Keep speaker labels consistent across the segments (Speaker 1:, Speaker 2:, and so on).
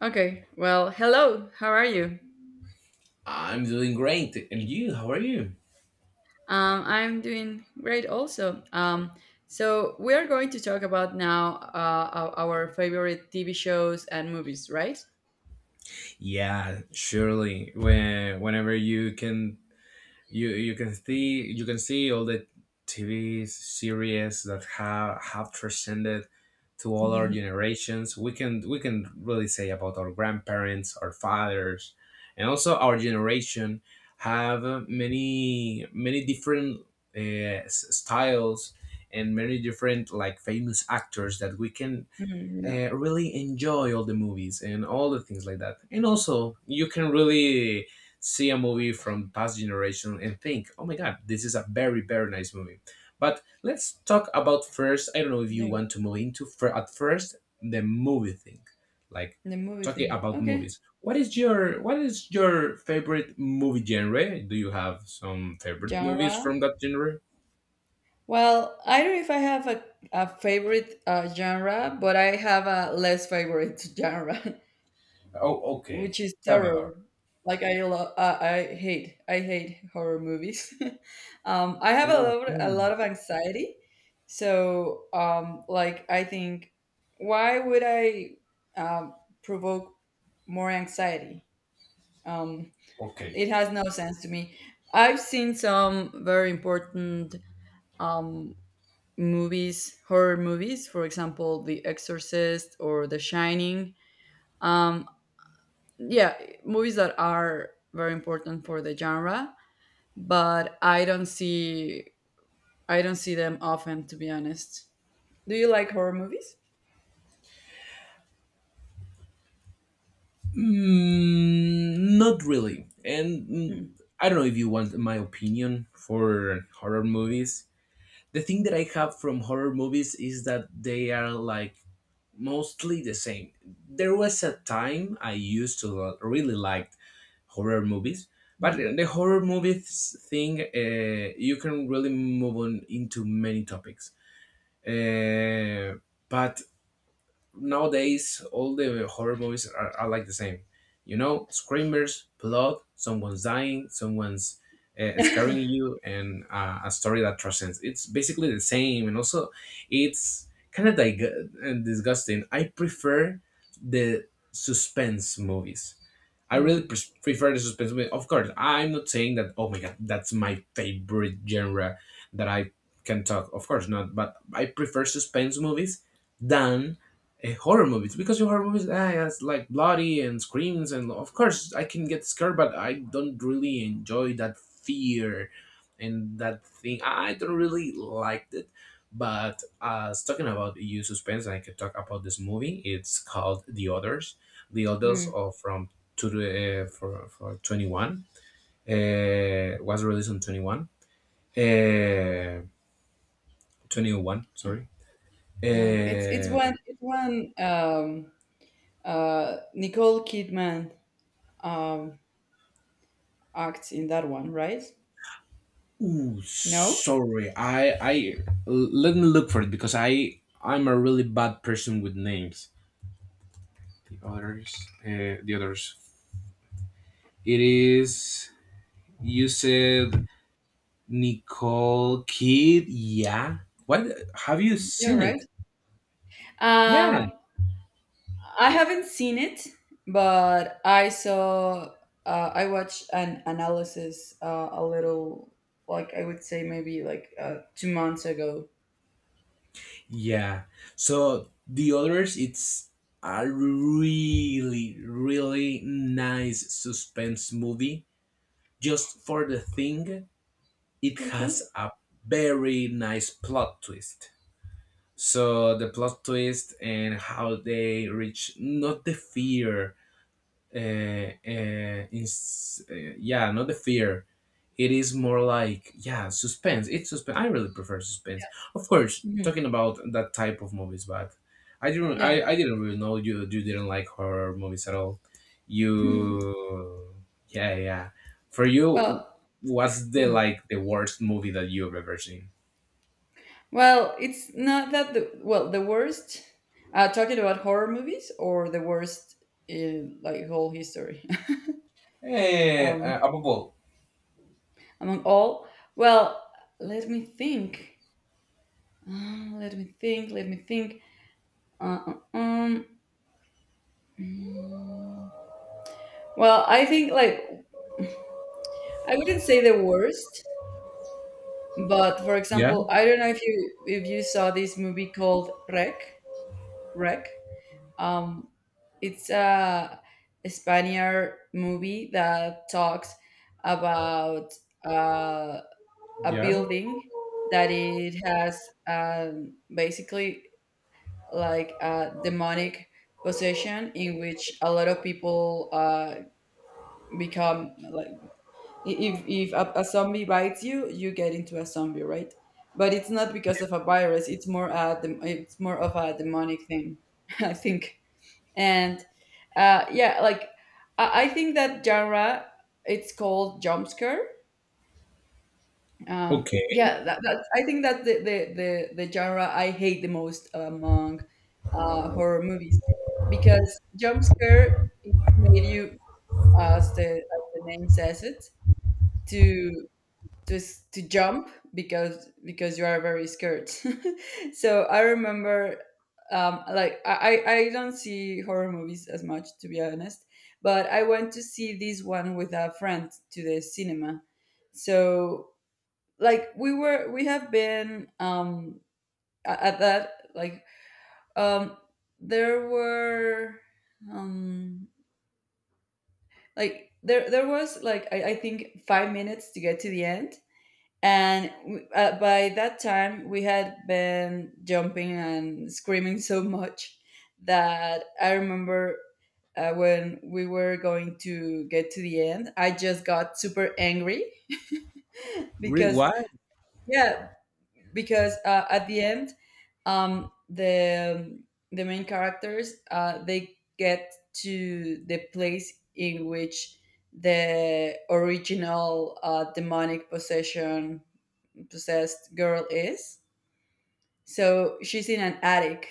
Speaker 1: Okay. Well, hello. How are you?
Speaker 2: I'm doing great. And you, how are you?
Speaker 1: I'm doing great also. So we are going to talk about now our favorite TV shows and movies, right?
Speaker 2: Yeah, surely. When whenever you can see all the TV series that have transcended to all our
Speaker 1: Mhm.
Speaker 2: generations. We can really say about our grandparents, our fathers, and also our generation have many different styles and many different like famous actors that we can
Speaker 1: Mm, yeah.
Speaker 2: really enjoy all the movies and all the things like that. And also, you can really see a movie from past generation and think, oh my god, this is a very nice movie. But let's talk about first. I don't know if you
Speaker 1: Yeah.
Speaker 2: want to move into at first the movie thing, like
Speaker 1: The movie
Speaker 2: talking
Speaker 1: thing.
Speaker 2: about
Speaker 1: Okay.
Speaker 2: movies. What is your favorite movie genre? Do you have some favorite movies
Speaker 1: Genre.
Speaker 2: from that genre?
Speaker 1: Well, I don't know if I have a favorite genre, but I have a less favorite genre,
Speaker 2: Oh, okay.
Speaker 1: which is
Speaker 2: Tell me about
Speaker 1: terror. Like I love, I hate horror movies. I have
Speaker 2: it. Oh,
Speaker 1: a lot
Speaker 2: really?
Speaker 1: of anxiety, so like I think, why would I um, provoke more anxiety? Um,
Speaker 2: Okay.
Speaker 1: it has no sense to me. I've seen some very important um, movies, horror movies, for example, The Exorcist or The Shining. Um, yeah, movies that are very important for the genre, but I don't see, I don't see them often, to be honest. Do you like horror movies?
Speaker 2: Mm, not really.
Speaker 1: Mm,
Speaker 2: I don't know
Speaker 1: cool.
Speaker 2: if you want my opinion for horror movies. The thing that I have from horror movies is that they are like mostly the same. There was a time I used to really liked horror movies, but
Speaker 1: Mm.
Speaker 2: the horror movies thing, you can really move on into many topics. Uh, but nowadays all the horror movies are like the same, you know, screamers, blood, someone's dying, someone's scaring you, and a story that transcends, it's basically the same. And also it's kind of disgusting. I prefer the suspense movies. I really
Speaker 1: Mm,
Speaker 2: pres prefer the suspense movie. Of course, I'm not saying that, oh my god, that's my favorite genre that I can talk. Of course not, but I prefer suspense movies than horror movies, because your horror movies, ah, yeah, it's like bloody and screams, and of course I can get scared, but I don't really enjoy that fear and that thing. I don't really like it. But as talking about EU suspense, I could talk about this movie. It's called The Others. The others
Speaker 1: mm.
Speaker 2: are from to the, for 21. Was released on 21. Uh, 21, sorry. Uh,
Speaker 1: It's when Nicole Kidman, um, acts in that one, right?
Speaker 2: ooh,
Speaker 1: No,
Speaker 2: sorry. Let me look for it because I'm a really bad person with names. The others, the others. It is, you said Nicole Kid. Yeah. What, have you
Speaker 1: yeah,
Speaker 2: seen
Speaker 1: right.
Speaker 2: it? Yeah.
Speaker 1: Um, I haven't seen it, but I saw, I watched an analysis, a little, like I would say maybe like 2 months ago.
Speaker 2: Yeah. So the others, it's a really, really nice suspense movie. Just for the thing, it has
Speaker 1: Uh-huh.
Speaker 2: a very nice plot twist. So the plot twist and how they reach not the fear, uh, yeah, not the fear, it is more like, yeah, suspense. It's suspense. I really prefer suspense, of course
Speaker 1: Mhm.
Speaker 2: talking about that type of movies. But
Speaker 1: Yeah.
Speaker 2: I didn't really know you didn't like horror movies at all. You, yeah, yeah, for you,
Speaker 1: Well,
Speaker 2: what's the,
Speaker 1: mhm.
Speaker 2: like, the worst movie that you've ever seen?
Speaker 1: Well, it's not that the, well, the worst. Talking about horror movies, or the worst in like whole history? um,
Speaker 2: Above all,
Speaker 1: Among all. Well, let me think. Let me think. Let me think. Uh, uh, um, Mm. Well, I think like I wouldn't say the worst, but for
Speaker 2: yeah,
Speaker 1: example, I don't know if you, if you saw this movie called Rec. Rec. Um, it's a Spaniard movie that talks about uh, a
Speaker 2: yeah,
Speaker 1: building that it has basically like a demonic possession in which a lot of people become like, if a, a zombie bites you, you get into a zombie, right? But it's not because of a virus, it's more a it's more of a demonic thing. I think, and yeah, like I think that genre, it's called jump scare.
Speaker 2: okay.
Speaker 1: Yeah, that, that's, I think that's the, the genre I hate the most among horror movies. Because jump scare, it's made you, as the, as the name says it, to to jump. Because you are very scared. So I remember, like I, I don't see horror movies as much, to be honest, but I went to see this one with a friend to the cinema. So like we have been at that like, um there were, um like there was like I think 5 minutes to get to the end. By that time, we had been jumping and screaming so much that I remember, when we were going to get to the end, I just got super angry
Speaker 2: Re-
Speaker 1: because,
Speaker 2: Why?
Speaker 1: yeah, because at the end, um, the the main characters, they get to the place in which the original demonic possession possessed girl is. So she's in an attic,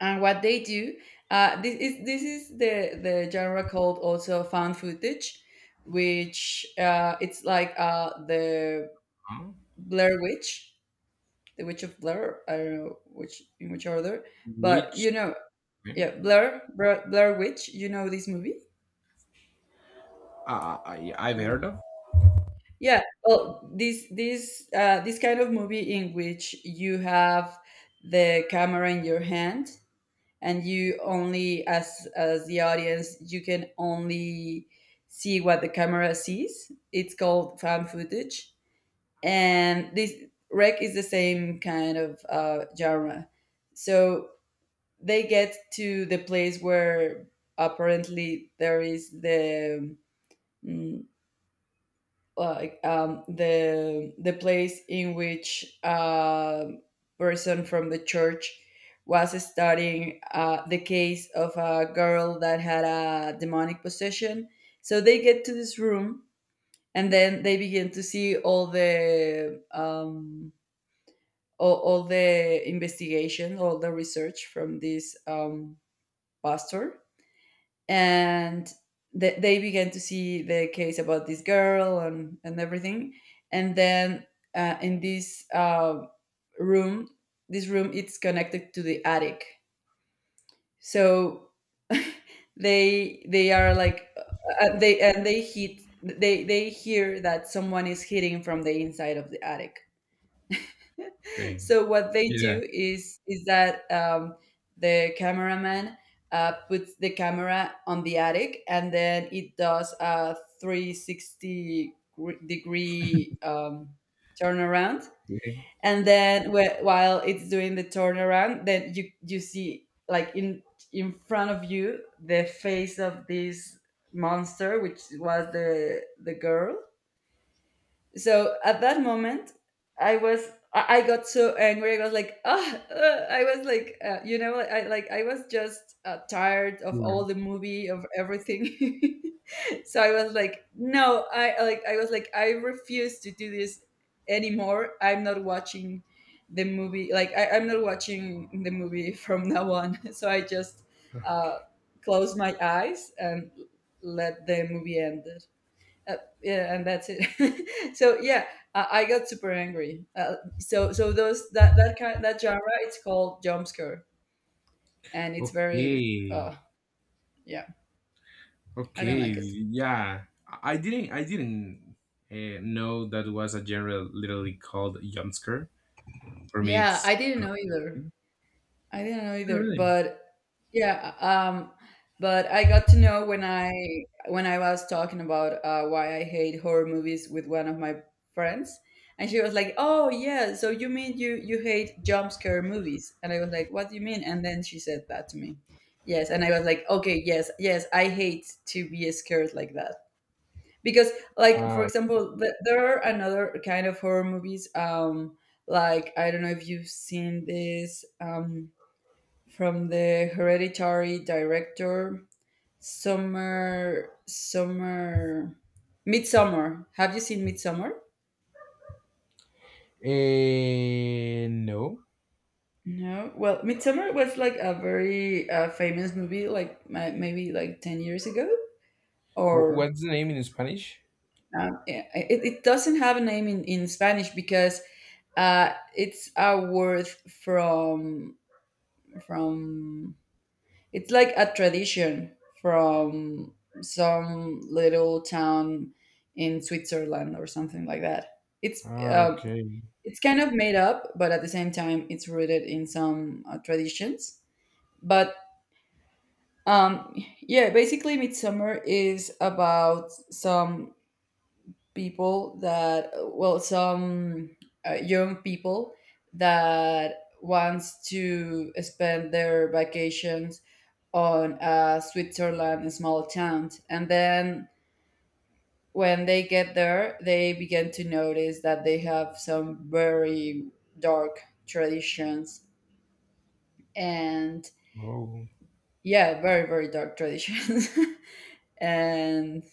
Speaker 1: and what they do, this is the genre called also found footage, which it's like the
Speaker 2: Huh?
Speaker 1: Blair Witch, the Witch of Blair. I don't know which, in which order, but
Speaker 2: Which,
Speaker 1: you know, yeah, Blair Witch. You know this movie.
Speaker 2: I, I've
Speaker 1: Mm.
Speaker 2: heard of.
Speaker 1: Yeah, well, this kind of movie in which you have the camera in your hand, and you only, as the audience, you can only see what the camera sees, it's called found footage. And this Rec is the same kind of genre. So they get to the place where apparently there is the, mm, like the place in which a person from the church was studying the case of a girl that had a demonic possession. So they get to this room, and then they begin to see all the all the investigation, all the research from this pastor. And they began to see the case about this girl and everything, and then in this room, this room, it's connected to the attic. So they are like, they hit they hear that someone is hitting from the inside of the attic.
Speaker 2: Okay.
Speaker 1: So what they
Speaker 2: Yeah,
Speaker 1: do is that the cameraman, puts the camera on the attic, and then it does a 360 degree turnaround.
Speaker 2: yeah.
Speaker 1: And then while it's doing the turnaround, then you see, like, in front of you the face of this monster, which was the girl. So at that moment, I was, I got so angry. I was like, "Ah, I was like, "Uh, you know, I like, I was just, tired of all
Speaker 2: Sure.
Speaker 1: the movie, of everything." So I was like, no, I like, I was like, I refuse to do this anymore. I'm not watching the movie. Like, I, I'm not watching the movie from now on. So I just uh, closed my eyes and let the movie end. uh, yeah, and that's it. So yeah, I got super angry. So those, that, that kind, that genre, it's called jump scare, and it's very uh
Speaker 2: Okay.
Speaker 1: yeah, I don't like
Speaker 2: Okay.
Speaker 1: it.
Speaker 2: Yeah. I didn't know that was a genre literally called jump scare. For me,
Speaker 1: Yeah, I
Speaker 2: it's
Speaker 1: didn't know either. I didn't know either,
Speaker 2: really.
Speaker 1: but yeah, but I got to know when I, when I was talking about why I hate horror movies with one of my friends, and she was like, "Oh yeah, so you mean you, you hate jump scare movies?" And I was like, "What do you mean?" And then she said that to me. Yes, and I was like, "Okay, yes, yes, I hate to be scared like that." Because, like for
Speaker 2: Uh,
Speaker 1: example, there are another kind of horror movies. Like, I don't know if you've seen this. From the hereditary director, summer summer midsummer. Have you seen Midsummer?
Speaker 2: eh, no.
Speaker 1: No, well, Midsummer was like a very famous movie like maybe like 10 years ago
Speaker 2: Wh-
Speaker 1: or
Speaker 2: What's the name in Spanish?
Speaker 1: yeah, it doesn't have a name in Spanish because it's a word from from it's like a tradition from some little town in Switzerland or something like that.
Speaker 2: Ah,
Speaker 1: Uh,
Speaker 2: okay.
Speaker 1: it's kind of made up, but at the same time, it's rooted in some traditions. But um, yeah, basically, Midsummer is about some people that, well, some young people that wants to spend their vacations on a Switzerland small town. And then when they get there, they begin to notice that they have some very dark traditions. And
Speaker 2: Oh,
Speaker 1: yeah, very, very dark traditions. And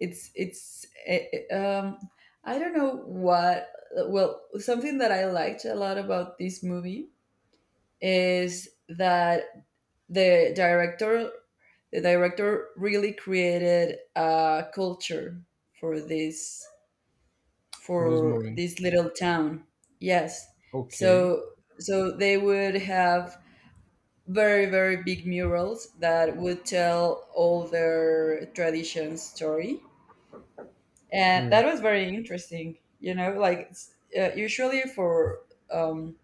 Speaker 1: it's, eh, um, I don't know what, well, something that I liked a lot about this movie is that the director the director really created a culture for this,
Speaker 2: for this
Speaker 1: for
Speaker 2: movie.
Speaker 1: this little town. Yes,
Speaker 2: Okay,
Speaker 1: so so they would have very, very big murals that would tell all their tradition story. And
Speaker 2: sure.
Speaker 1: that was very interesting, you know, like it's, usually for, um,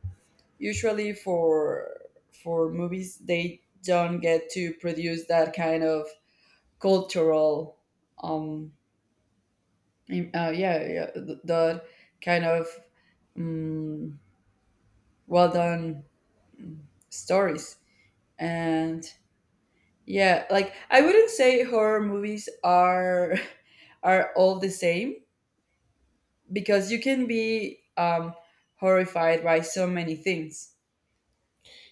Speaker 1: usually for movies, they don't get to produce that kind of cultural, um that kind of um, well done stories. And yeah, like, I wouldn't say horror movies are are all the same, because you can be horrified by so many things,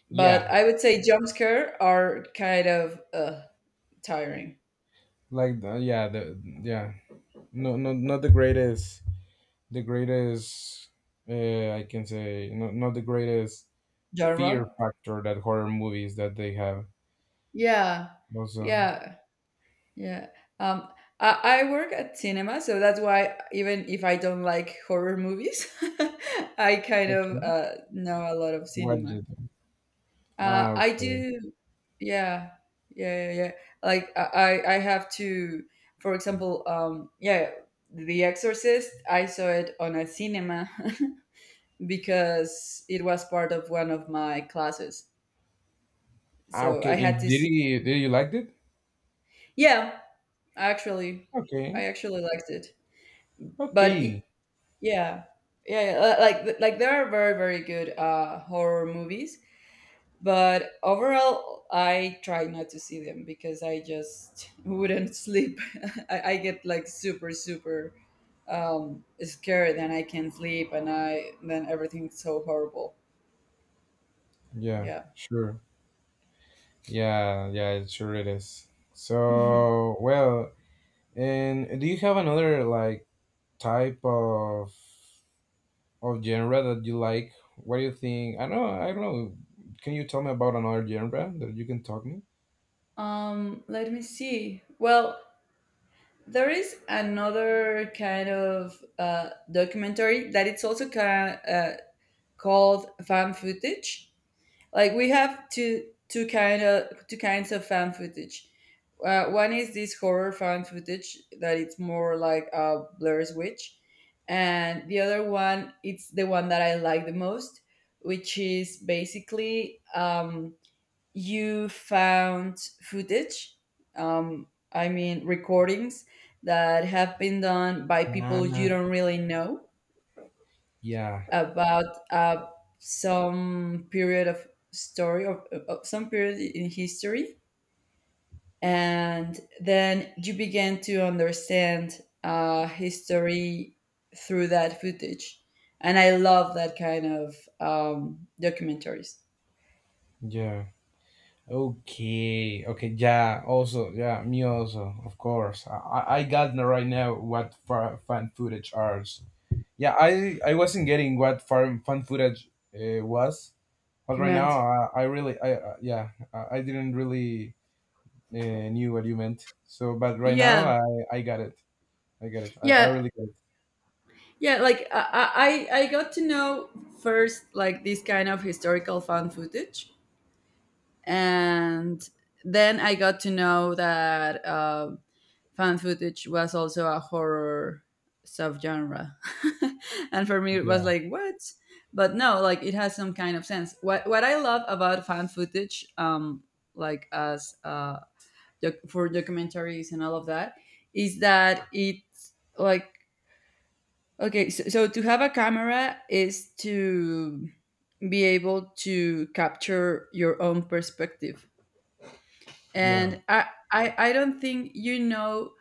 Speaker 1: but
Speaker 2: Yeah,
Speaker 1: I would say jump scare are kind of tiring.
Speaker 2: like the, yeah, the, yeah. No, no, not the greatest the greatest I can say, not, not the greatest fear
Speaker 1: Genre?
Speaker 2: factor that horror movies that they have.
Speaker 1: Yeah,
Speaker 2: Also,
Speaker 1: yeah, yeah. Um, I work at cinema, so that's why even if I don't like horror movies, I kind of
Speaker 2: okay,
Speaker 1: know a lot of
Speaker 2: what
Speaker 1: cinema.
Speaker 2: did, ah,
Speaker 1: I
Speaker 2: okay,
Speaker 1: do, yeah, yeah, yeah. Like I, I have to, for example, yeah, The Exorcist. I saw it on a cinema because it was part of one of my classes,
Speaker 2: ah,
Speaker 1: so
Speaker 2: okay,
Speaker 1: I had
Speaker 2: and
Speaker 1: to
Speaker 2: did
Speaker 1: see.
Speaker 2: you did you liked it?
Speaker 1: Yeah, actually, I
Speaker 2: Okay,
Speaker 1: actually liked it. But y
Speaker 2: okay,
Speaker 1: yeah, yeah, like there are very, very good horror movies, but overall I try not to see them because I just wouldn't sleep. I get like super super scared and I can't sleep, and I then everything's so horrible.
Speaker 2: yeah,
Speaker 1: Yeah.
Speaker 2: sure, yeah, yeah, it sure it is. So, well, and do you have another, like, type of or genre that you like? What do you think? I don't know. I don't know. Can you tell me about another genre that you can talk me?
Speaker 1: Let me see. Well, there is another kind of documentary that it's also kind called fan footage. Like we have two kinds of fan footage. One is this horror fan footage that it's more like a Blair's Witch, and the other one, it's the one that I like the most, which is basically you found footage, um, I mean, recordings that have been done by people
Speaker 2: Ah,
Speaker 1: you don't really know,
Speaker 2: yeah,
Speaker 1: about uh, some period of story, or of some period in history. And then you began to understand history through that footage. And I love that kind of documentaries.
Speaker 2: yeah. Okay, okay, yeah. Also, yeah, me also, of course. I got right now what fan footage are. Yeah, I wasn't getting what fan footage was, but right now
Speaker 1: Meant.
Speaker 2: I really I yeah, I didn't really uh, knew what you meant. So, but right now
Speaker 1: Yeah.
Speaker 2: I got it. I got it. I
Speaker 1: Yeah.
Speaker 2: really got
Speaker 1: Yeah, like I got to know first like this kind of historical found footage, and then I got to know that found footage was also a horror subgenre, and for me it was
Speaker 2: it.
Speaker 1: like what? But no, like it has some kind of sense. What I love about found footage, like as for documentaries and all of that, is that it like Okay, so to have a camera is to be able to capture your own perspective.
Speaker 2: Yeah,
Speaker 1: And I don't think you know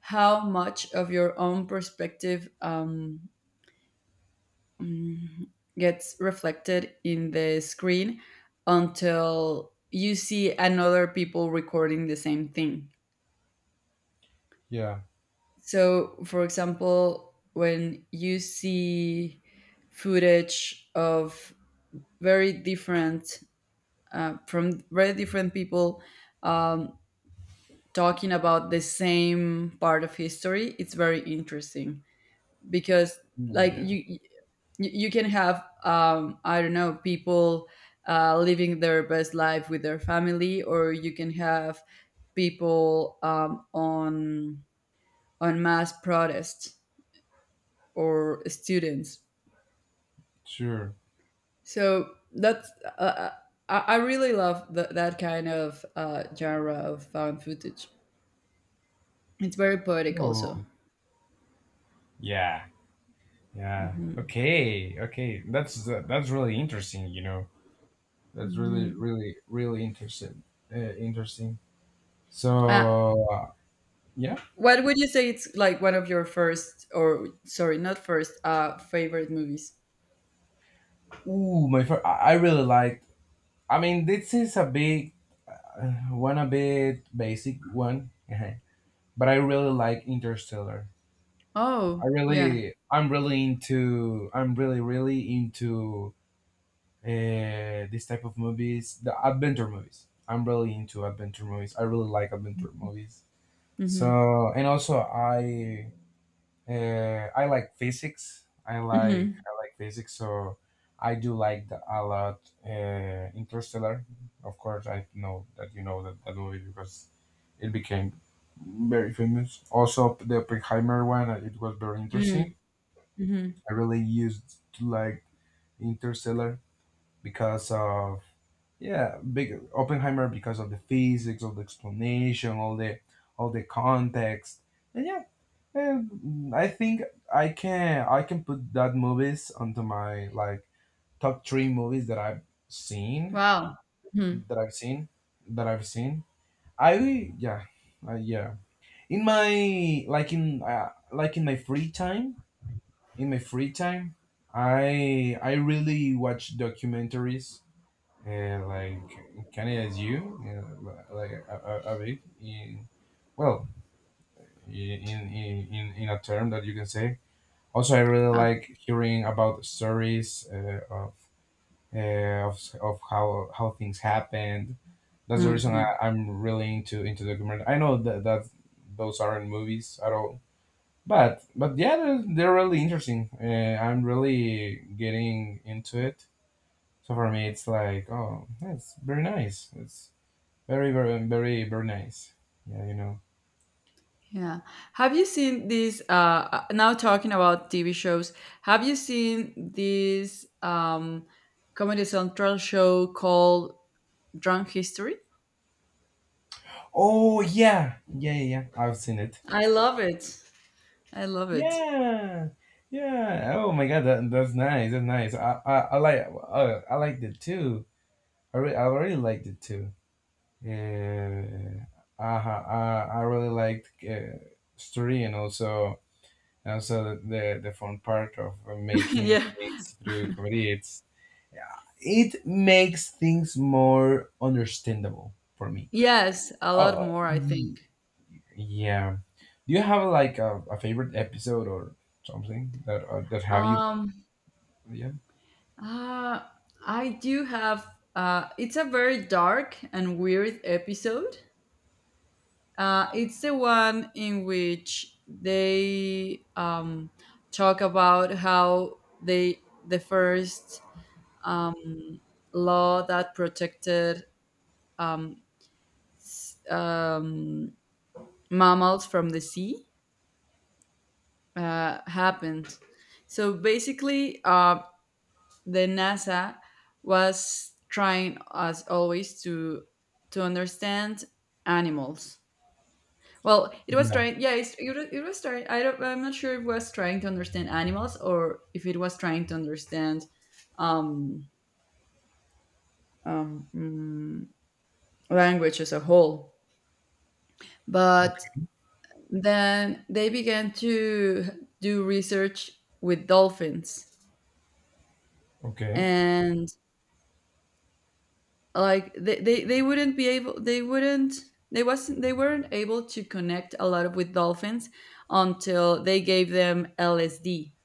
Speaker 1: how much of your own perspective mm, gets reflected in the screen until you see another people recording the same thing.
Speaker 2: yeah.
Speaker 1: So, for example, when you see footage of very different from very different people um, talking about the same part of history, it's very interesting because
Speaker 2: Oh,
Speaker 1: like
Speaker 2: yeah.
Speaker 1: you you can have I don't know, people living their best life with their family, or you can have people on mass protests or students.
Speaker 2: Sure.
Speaker 1: So that's uh, uh, I really love that kind of genre of found footage. It's very poetic, also.
Speaker 2: Oh, yeah, yeah.
Speaker 1: Hmm.
Speaker 2: Okay, okay. That's that's really interesting. You know, that's really,
Speaker 1: Hmm.
Speaker 2: really, really interesting. Interesting.
Speaker 1: Uh,
Speaker 2: So uh, yeah.
Speaker 1: what would you say? It's like one of your first, or sorry, not first, favorite movies.
Speaker 2: Ooh, my first. I really liked. I mean, this is a big one, a bit basic one, but I really like Interstellar.
Speaker 1: Oh
Speaker 2: I
Speaker 1: yeah.
Speaker 2: really, I'm really into. I'm really, really into this type of movies, the adventure movies. I'm really into adventure movies. I really like adventure movies.
Speaker 1: Mm-hmm.
Speaker 2: So, and also I like physics.
Speaker 1: Mm-hmm.
Speaker 2: I like physics. So I do like the, a lot, Interstellar. Of course, I know that you know that, that movie because it became very famous. Also, the Oppenheimer one, it was very interesting.
Speaker 1: Mm-hmm.
Speaker 2: I really used to like Interstellar because of, yeah, big Oppenheimer, because of the physics, of the explanation, all the context, and yeah, and I think I can put that movies onto my like top three movies that seen
Speaker 1: Wow. Mm-hmm.
Speaker 2: I've seen that I've seen. I yeah yeah, in my like in my free time, in my free time I really watch documentaries, like Canada is you, like a bit in, well, in, in a term that you can say. Also, I really
Speaker 1: Ah.
Speaker 2: like hearing about stories, uh, of how things happened. That's the reason
Speaker 1: Hmm.
Speaker 2: I'm really into documentary. I know that that those aren't movies at all, but yeah, they're really interesting. I'm really getting into it. So for me, it's like, oh, that's very nice. It's very, very, very, very nice. Yeah, you know.
Speaker 1: Yeah. Have you seen these? Now talking about TV shows, have you seen this Comedy Central show called Drunk History?
Speaker 2: Oh, yeah, yeah, yeah. Yeah. I've seen it.
Speaker 1: I love it. I love it.
Speaker 2: Yeah, yeah. Oh my god, that, that's nice. That's nice. I like, I liked it too. I really liked it too. Yeah. Uh-huh. I really liked, story and also, also the fun part of making
Speaker 1: Yeah.
Speaker 2: things through comedy. It's, it makes things more understandable for me.
Speaker 1: Yes, a lot
Speaker 2: Oh,
Speaker 1: more, I think.
Speaker 2: yeah. Do you have like a favorite episode or something that that have you?
Speaker 1: Um,
Speaker 2: Yeah.
Speaker 1: uh, I do have. It's a very dark and weird episode. It's the one in which they talk about how they the first um, law that protected um, s- um, mammals from the sea happened. So basically, the NASA was trying, as always, to understand animals. Well, it was
Speaker 2: Yeah.
Speaker 1: trying. Yeah, it was trying. I don't. I'm not sure if it was trying to understand animals or if it was trying to understand um, um, mm, language as a whole. But
Speaker 2: Okay.
Speaker 1: then they began to do research with dolphins,
Speaker 2: Okay.
Speaker 1: and like they wouldn't be able. They wouldn't. They wasn't. They weren't able to connect a lot of with dolphins until they gave them LSD,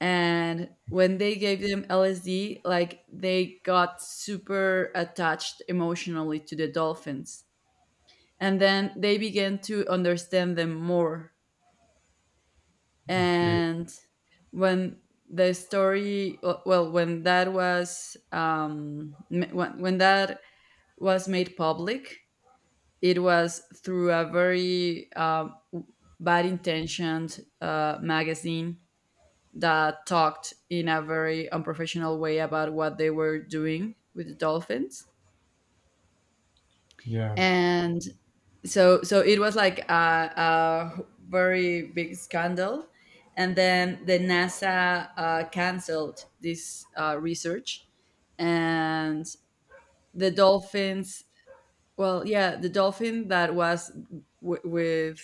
Speaker 1: and when they gave them LSD, like they got super attached emotionally to the dolphins. And then they began to understand them more.
Speaker 2: Okay.
Speaker 1: And when the story, when that was when that was made public, it was through a very bad intentioned magazine that talked in a very unprofessional way about what they were doing with the dolphins,
Speaker 2: Yeah.
Speaker 1: and so it was like a very big scandal, and then the NASA canceled this research, and the dolphins, well, yeah, the dolphin that was w- with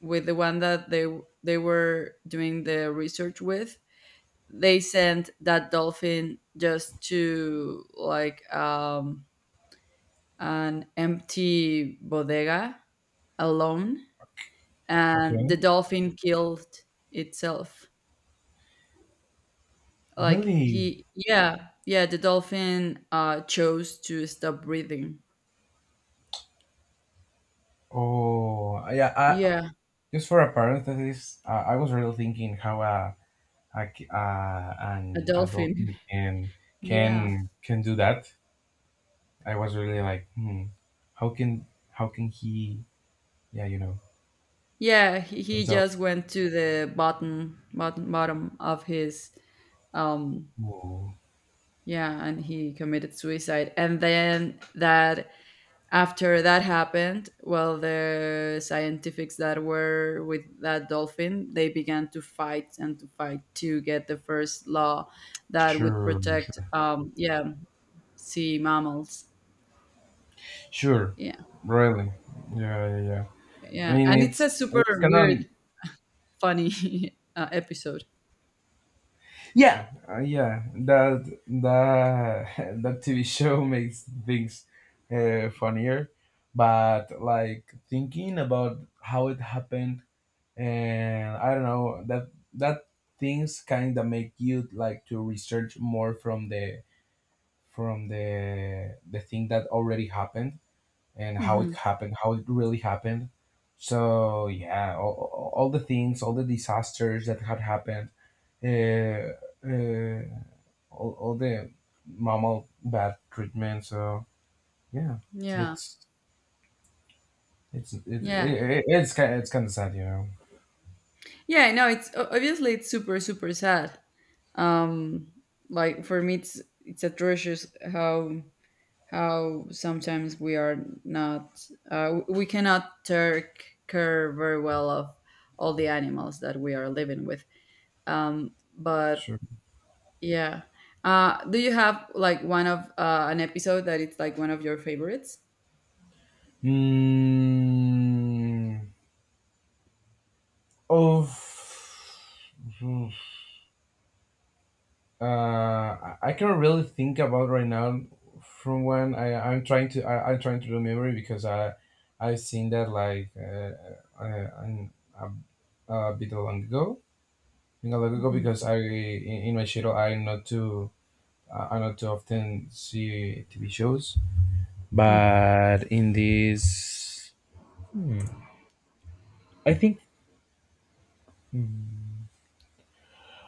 Speaker 1: with the one that they were doing the research with, they sent that dolphin just to like an empty bodega alone, and
Speaker 2: Okay.
Speaker 1: the dolphin killed itself. Like
Speaker 2: Really?
Speaker 1: he, yeah, yeah, the dolphin chose to stop breathing.
Speaker 2: Oh, yeah. I,
Speaker 1: Yeah,
Speaker 2: just for a parenthesis, I was really thinking how a
Speaker 1: a
Speaker 2: an adult
Speaker 1: dolphin.
Speaker 2: can
Speaker 1: Yeah.
Speaker 2: can do that. I was really like, hmm, how can he? Yeah, you know,
Speaker 1: Yeah, he
Speaker 2: himself.
Speaker 1: just went to the bottom bottom of his um,
Speaker 2: Oh,
Speaker 1: yeah, and he committed suicide. And then that after that happened, well, the scientifics that were with that dolphin, they began to fight and to fight to get the first law that would
Speaker 2: sure.
Speaker 1: protect um, yeah, sea mammals.
Speaker 2: Sure,
Speaker 1: Yeah,
Speaker 2: really. Yeah, yeah, yeah. I
Speaker 1: yeah.
Speaker 2: mean,
Speaker 1: And it's
Speaker 2: it's
Speaker 1: a super
Speaker 2: it's kind of,
Speaker 1: weird funny episode.
Speaker 2: yeah, yeah. That that that TV show makes things funnier, but like thinking about how it happened, and I don't know that that things kind of make you like to research more from the thing that already happened and how it
Speaker 1: Hmm.
Speaker 2: happened, how it really happened. So yeah, all the things, all the disasters that had happened, uh, uh, all the mammal bad treatment. So yeah,
Speaker 1: Yeah,
Speaker 2: it's
Speaker 1: yeah,
Speaker 2: it's kind, it's kind of sad, you know.
Speaker 1: yeah. No, it's obviously it's super super sad, um, like for me it's atrocious how how sometimes we are not we cannot take care very well of all the animals that we are living with, but
Speaker 2: Sure.
Speaker 1: yeah. Uh, do you have like one of an episode that it's like one of your favorites?
Speaker 2: Mm, of. I can't really think about right now from when I'm trying to I'm trying to remember because I I've seen that like, uh, a, a bit long ago, I think a long ago,
Speaker 1: Mhm.
Speaker 2: because I in my schedule I not too often see TV shows, but in this, hmm, I think.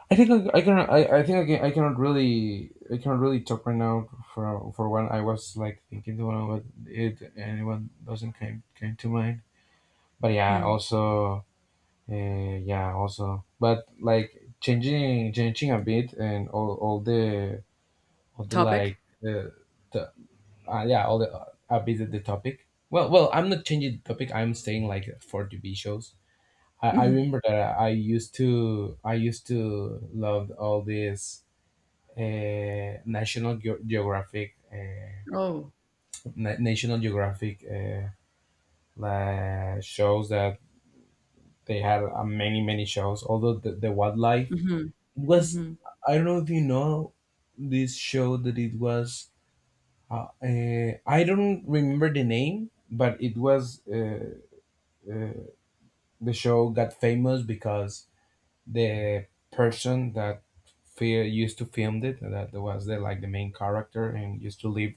Speaker 2: I think I think I can, I cannot really, I cannot really talk right now for when I was like thinking to one, but it anyone doesn't came to mind. But yeah,
Speaker 1: Mhm.
Speaker 2: also yeah, also, but like changing a bit and all the
Speaker 1: Topic.
Speaker 2: like the yeah all the a bit of the topic. Well, well, I'm not changing the topic. I'm staying like for TV shows. I remember that I used to love all these National Geographic
Speaker 1: Oh.
Speaker 2: National Geographic, like shows that they had, many many shows. Although the wildlife
Speaker 1: Hmm.
Speaker 2: it was, I don't know if you know, this show that it was, I don't remember the name, but it was, the show got famous because the person that fear used to film it, that was the like the main character and used to live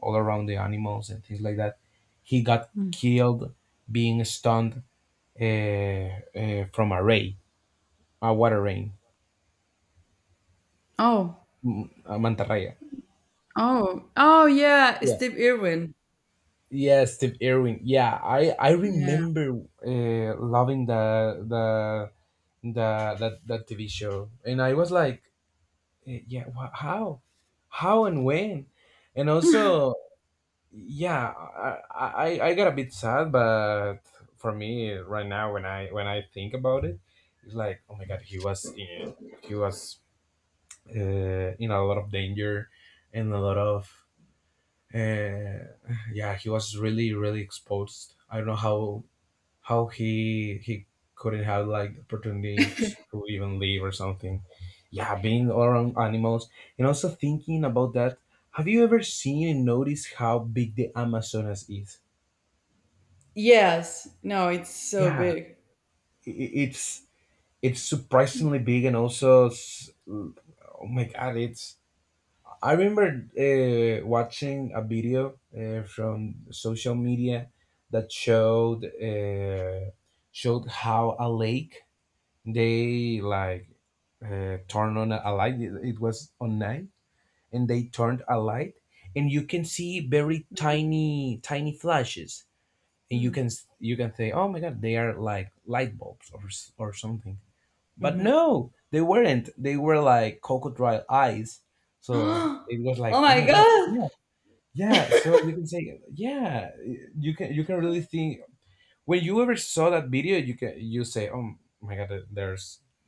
Speaker 2: all around the animals and things like that, he got
Speaker 1: Hmm.
Speaker 2: killed, being stunned, uh, from a ray, a water rain,
Speaker 1: Oh.
Speaker 2: a manta raya.
Speaker 1: Oh, oh yeah,
Speaker 2: Yeah.
Speaker 1: Steve Irwin.
Speaker 2: Yeah, Steve Irwin. Yeah, I
Speaker 1: Yeah.
Speaker 2: remember loving the the that TV show, and I was like, yeah, wha how and when, and also, yeah. I got a bit sad, but for me right now when I think about it, it's like, oh my God, he was in, he was, uh, in a lot of danger and a lot of, uh, yeah, he was really really exposed. I don't know how he couldn't have like the opportunity to even leave or something, yeah, being around animals. And also thinking about that, have you ever seen and noticed how big the Amazonas is?
Speaker 1: Yes. No, it's so
Speaker 2: Yeah,
Speaker 1: big.
Speaker 2: i- i- it's it's surprisingly big. And also oh my God, it's, I remember watching a video from social media that showed, uh, showed how a lake, they like, turned on a light. It was on night, and they turned a light, and you can see very tiny flashes, and you
Speaker 1: Mm.
Speaker 2: can you can say, oh my God, they are like light bulbs or or something. But
Speaker 1: Hmm.
Speaker 2: no, they weren't. They were like crocodile eyes. So
Speaker 1: Oh
Speaker 2: it was like, oh
Speaker 1: my
Speaker 2: my God,
Speaker 1: god!
Speaker 2: yeah, yeah. So you can say, yeah, you can really think, when you ever saw that video, you say, oh my God, there's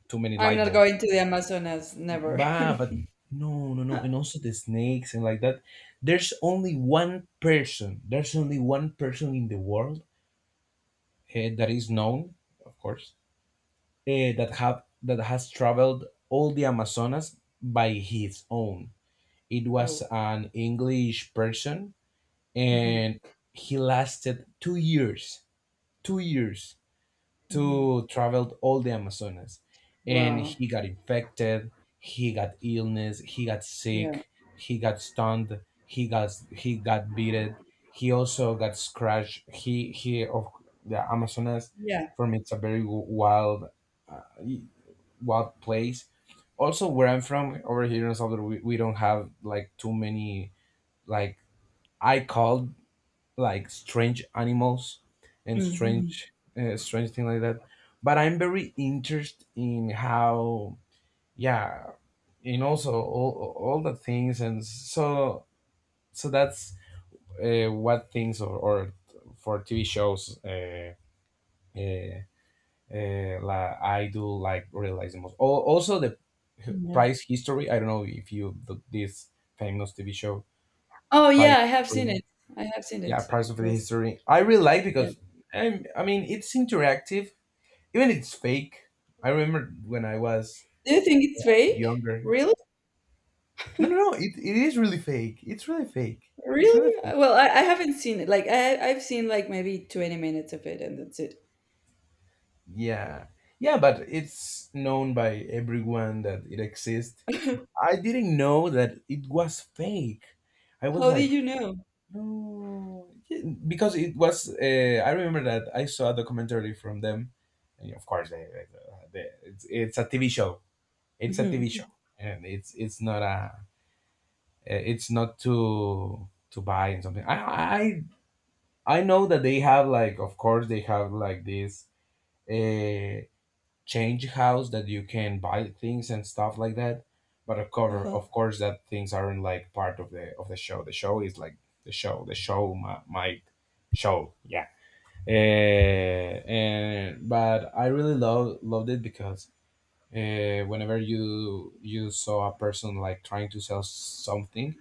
Speaker 2: too many
Speaker 1: I'm
Speaker 2: light
Speaker 1: not
Speaker 2: bulbs.
Speaker 1: going to the Amazonas. Never.
Speaker 2: Bah, but no, no, no, and also the snakes and like that. There's only one person. There's only one person in the world, that is known, of course, that have that has traveled all the Amazonas by his own. It was
Speaker 1: Oh.
Speaker 2: an English person,
Speaker 1: Hmm.
Speaker 2: and he lasted 2 years, 2 years
Speaker 1: Hmm.
Speaker 2: to travel all the Amazonas, and
Speaker 1: Wow.
Speaker 2: he got infected. He got illness. He got
Speaker 1: Yeah.
Speaker 2: sick. He got stunned. He got, beaten. He also got scratched. He Of the Amazonas,
Speaker 1: Yeah.
Speaker 2: for me, it's a very wild wild place. Also, where I'm from, over here in El Salvador, we don't have like too many, like, I called, like, strange animals and
Speaker 1: Hmm.
Speaker 2: strange, strange thing like that. But I'm very interested in how, yeah, and also all the things. And so, so that's, what things or for TV shows, uh, like I do like realize the most. Also the
Speaker 1: Yeah.
Speaker 2: price history. I don't know if you the, this famous TV show,
Speaker 1: Oh
Speaker 2: price.
Speaker 1: yeah, I have seen
Speaker 2: History.
Speaker 1: it. I have seen
Speaker 2: Yeah,
Speaker 1: it.
Speaker 2: price of the
Speaker 1: Yes.
Speaker 2: history. I really like
Speaker 1: Yeah.
Speaker 2: because, I mean, it's interactive. Even it's fake. I remember when I was
Speaker 1: Do you think
Speaker 2: a
Speaker 1: it's
Speaker 2: bit
Speaker 1: fake?
Speaker 2: younger.
Speaker 1: Really?
Speaker 2: No, no, no. It is really fake. It's really fake. It's really
Speaker 1: Really?
Speaker 2: fake.
Speaker 1: Well, I haven't seen it. Like I I've seen like maybe 20 minutes of it, and that's it.
Speaker 2: Yeah, yeah. But it's known by everyone that it exists. I didn't know that it was fake. I was
Speaker 1: How did
Speaker 2: like,
Speaker 1: you know?
Speaker 2: no, yeah, because it was. I remember that I saw a documentary from them, and of course, it's a TV show. It's a TV
Speaker 1: Mm-hmm.
Speaker 2: show, and it's not a. It's not to buy and something. I I know that they have like, of course, they have like this, uh, change house that you can buy things and stuff like that. But
Speaker 1: Uh-huh.
Speaker 2: of course, that things aren't like part of the show. The show is like the show. The show, my show. Yeah. Uh, and but I really loved it because, whenever you saw a person like trying to sell something,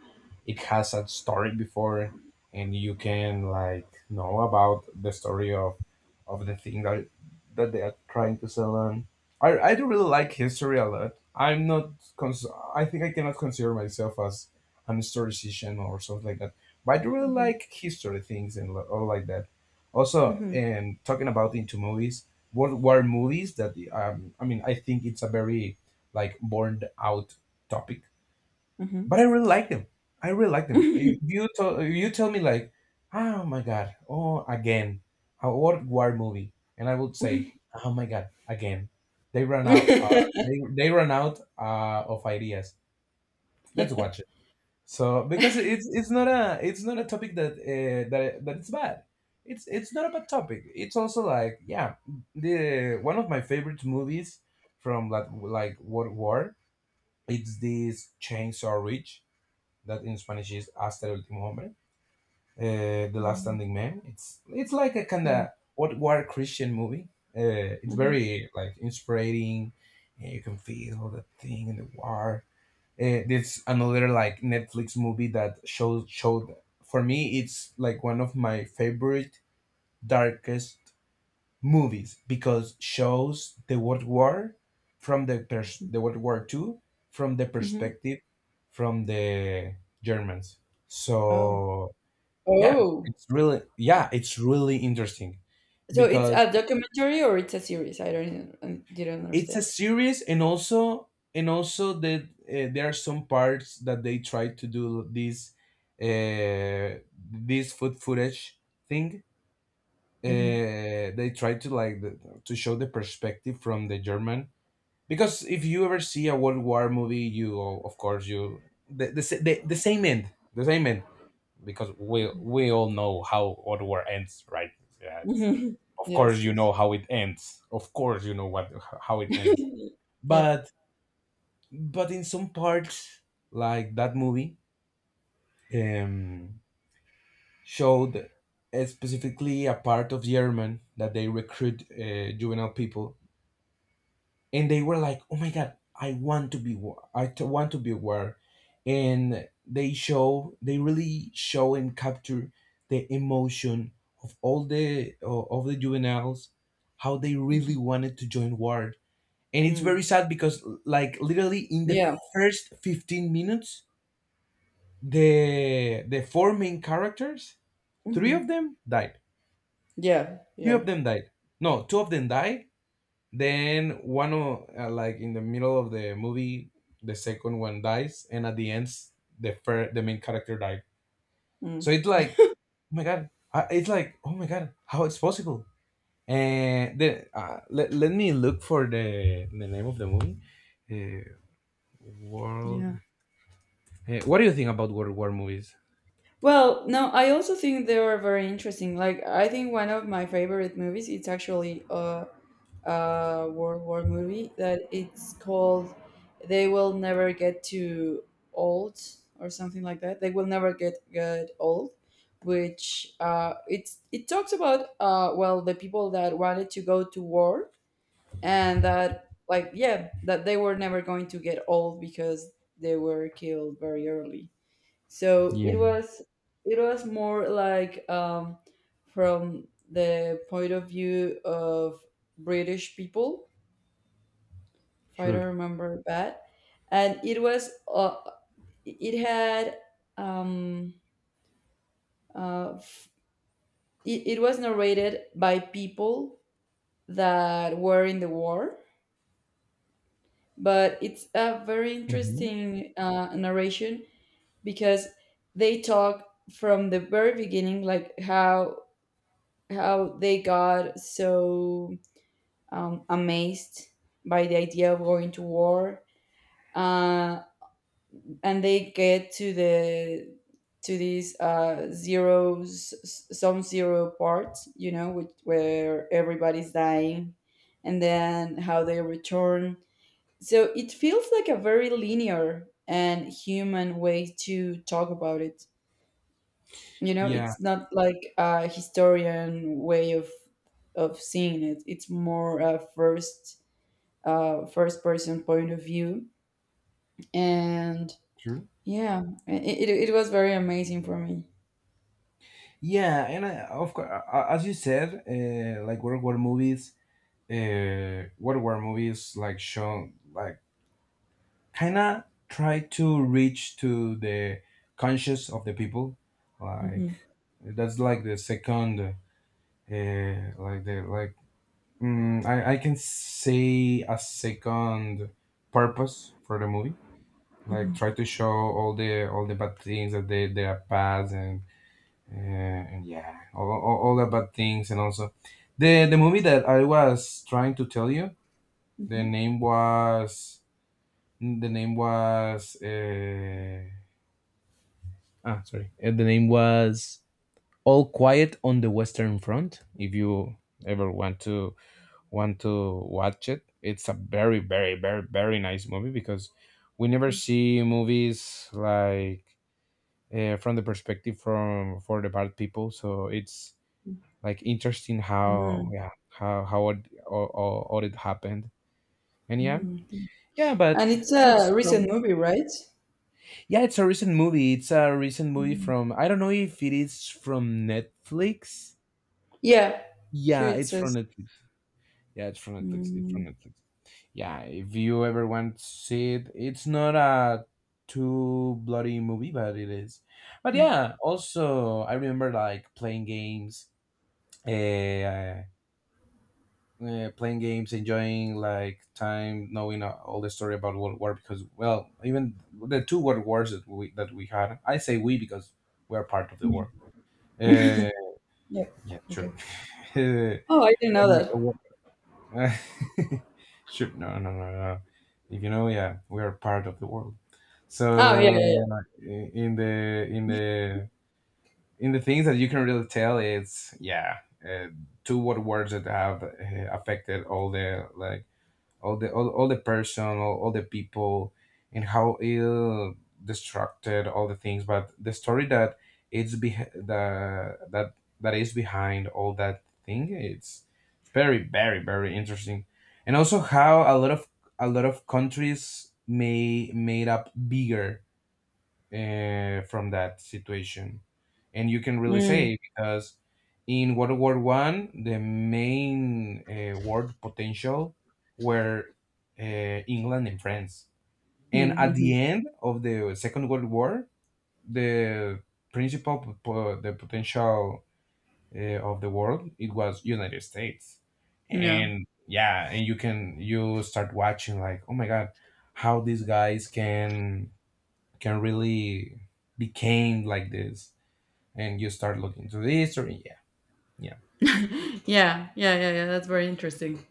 Speaker 2: it has a story before, and you can like know about the story of the thing that that they are trying to sell. And I do really like history a lot. I'm not cons- I think I cannot consider myself as an historian or something like that, but I do really
Speaker 1: Mhm.
Speaker 2: like history things and all like that. Also,
Speaker 1: Mhm.
Speaker 2: and talking about into movies, World War movies that, I mean, I think it's a very like born out topic,
Speaker 1: Mhm.
Speaker 2: but I really like them. I really like them. If if you tell me like, oh my God, oh again, a World War movie, and I would say, oh my God, again, they run out.
Speaker 1: Mhm.
Speaker 2: They run out of ideas. Let's watch it. So because it's not a, it's not a topic that, that that it's bad. It's not a bad topic. It's also like, yeah, the one of my favorite movies from like World War. It's this Chainsaw Ridge that in Spanish is Hasta el último hombre, the last standing man. It's like a kind
Speaker 1: Mhm.
Speaker 2: of World War Christian movie. It's
Speaker 1: Mhm.
Speaker 2: very like inspiring. You can feel the thing in the war, this another like Netflix movie that shows showed, for me it's like one of my favorite darkest movies because shows the World War from the World War Two from the
Speaker 1: Mhm.
Speaker 2: perspective from the Germans.
Speaker 1: Oh.
Speaker 2: So yeah,
Speaker 1: Oh.
Speaker 2: it's really, yeah, it's really interesting
Speaker 1: So it's
Speaker 2: because
Speaker 1: a documentary or it's a series? I don't I didn't
Speaker 2: it's a
Speaker 1: understand.
Speaker 2: series, and also, that, there are some parts that they try to do this, uh this food footage thing,
Speaker 1: Mhm.
Speaker 2: uh they try to like the, to show the perspective from the German. Because if you ever see a World War movie, you, of course, you, the the, same end, the same end, because we, all know how World War ends, right? Yeah, it's,
Speaker 1: Mhm.
Speaker 2: of course
Speaker 1: Yes,
Speaker 2: you know
Speaker 1: yes.
Speaker 2: how it ends, of course you know what, how it ends.
Speaker 1: Yeah.
Speaker 2: but but in some parts, like that movie, um, showed, specifically a part of German that they recruit, juvenile people, and they were like, "Oh my God, I want to be war. I want to be war," and they show, they really show and capture the emotion of all the of the juveniles, how they really
Speaker 1: Mhm.
Speaker 2: wanted to join war. And it's
Speaker 1: Mm.
Speaker 2: very sad because, like, literally in the
Speaker 1: Yeah.
Speaker 2: first 15 minutes, the four main characters, three
Speaker 1: Mhm.
Speaker 2: of them died,
Speaker 1: Yeah.
Speaker 2: three
Speaker 1: Yeah.
Speaker 2: of them died no, two of them died. Then one like in the middle of the movie, the second one dies, and at the end, the the main character died. So
Speaker 1: Mm.
Speaker 2: it's like, oh my God, it's like, oh my God, how it's possible. And the, let me look for the name of the movie. uh, World,
Speaker 1: Yeah.
Speaker 2: what do you think about World War movies?
Speaker 1: Well, no, I also think they are very interesting. Like, I think one of my favorite movies, it's actually a World War movie that it's called They Will Never Get Too Old, or something like that. They Will Never get Old, which it's, it talks about, well, the people that wanted to go to war and that, like, yeah, that they were never going to get old because they were killed very early. So
Speaker 2: Yeah,
Speaker 1: it was more like from the point of view of British people, if I
Speaker 2: sure.
Speaker 1: don't remember bad. And it was it had um, uh, f- it, it was narrated by people that were in the war, but it's a very
Speaker 2: Hmm.
Speaker 1: interesting narration because they talk from the very beginning like how they got so amazed by the idea of going to war, uh, and they get to the to this zeros, some zero part, you know, which, where everybody's dying, and then how they return. So it feels like a very linear and human way to talk about it. You know,
Speaker 2: Yeah.
Speaker 1: it's not like a historian way of seeing it. It's more a first first person point of view, and
Speaker 2: Sure.
Speaker 1: yeah, it was very amazing for me.
Speaker 2: Yeah, and I, of course, as you said, like World War movies like show, like, kind of try to reach to the conscious of the people. Like,
Speaker 1: Hmm.
Speaker 2: that's like the second, like the, like, I can say a second purpose for the movie. Like,
Speaker 1: Hmm.
Speaker 2: try to show all the bad things that they are past, and, and yeah, all the bad things. And also, the movie that I was trying to tell you, the name was the name was, the name was All Quiet on the Western Front. If you ever want to watch it, it's a very very very very nice movie, because we never see movies like, from the perspective from for the bad people. So it's like interesting how,
Speaker 1: Hmm.
Speaker 2: yeah, how it, all it happened. And yeah,
Speaker 1: Hmm.
Speaker 2: yeah,
Speaker 1: And
Speaker 2: but
Speaker 1: it's a
Speaker 2: that's,
Speaker 1: recent movie, right?
Speaker 2: yeah, it's a recent movie. It's a recent movie
Speaker 1: Mm.
Speaker 2: from, I don't know if it is from Netflix.
Speaker 1: Yeah, here
Speaker 2: Yeah,
Speaker 1: it
Speaker 2: it's from
Speaker 1: says.
Speaker 2: Netflix. Yeah, it's from Netflix. It's from
Speaker 1: Mm,
Speaker 2: Netflix. Yeah, if you ever want to see it, it's not a too bloody movie, but it is. But
Speaker 1: mm.
Speaker 2: yeah, also I remember like playing games, uh, playing games, enjoying like time, knowing, all the story about World War. Because, well, even the two World Wars that we had, I say we, because we are part of the war. Uh,
Speaker 1: Yeah.
Speaker 2: yeah,
Speaker 1: Okay.
Speaker 2: sure.
Speaker 1: Oh, I didn't know
Speaker 2: When-
Speaker 1: that.
Speaker 2: uh, sure. No, no, no, no. If you know, yeah, we are part of the world.
Speaker 1: Oh, yeah, yeah,
Speaker 2: So i- in the, in the in the things that you can really tell, it's yeah, uh, two World Wars that have, affected all the like all the all the person, all the people, and how ill destructed all the things. But the story that it's be the that that is behind all that thing, it's very very very interesting. And also how a lot of, a lot of countries may made up bigger, from that situation. And you can really
Speaker 1: yeah. Mm.
Speaker 2: say, because in World War One, the main, world potential, were, England and France. And at
Speaker 1: Mm-hmm.
Speaker 2: the end of the Second World War, the principal the potential, of the world, it was United States.
Speaker 1: Yeah.
Speaker 2: And yeah, and you can you start watching like, oh my God, how these guys can really became like this. And you start looking to the history. Yeah. Yeah.
Speaker 1: Yeah, yeah, yeah, yeah. That's very interesting.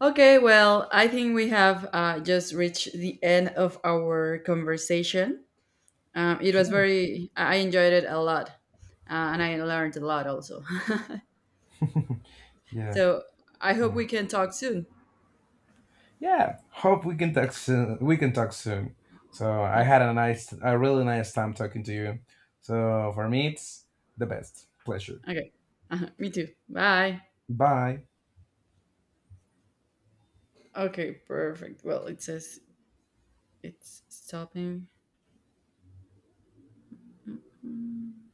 Speaker 1: Okay, well, I think we have just reached the end of our conversation. It was
Speaker 2: Sure.
Speaker 1: very, I enjoyed it a lot, and I learned a lot also.
Speaker 2: yeah.
Speaker 1: So I hope
Speaker 2: Yeah,
Speaker 1: we can talk soon.
Speaker 2: yeah, hope we can talk soon. So I
Speaker 1: Okay,
Speaker 2: had a nice a really nice time talking to you. So for me, it's the best pleasure.
Speaker 1: okay. Uh, me too. Bye.
Speaker 2: Bye.
Speaker 1: Okay, perfect. Well, it says it's stopping. Mm.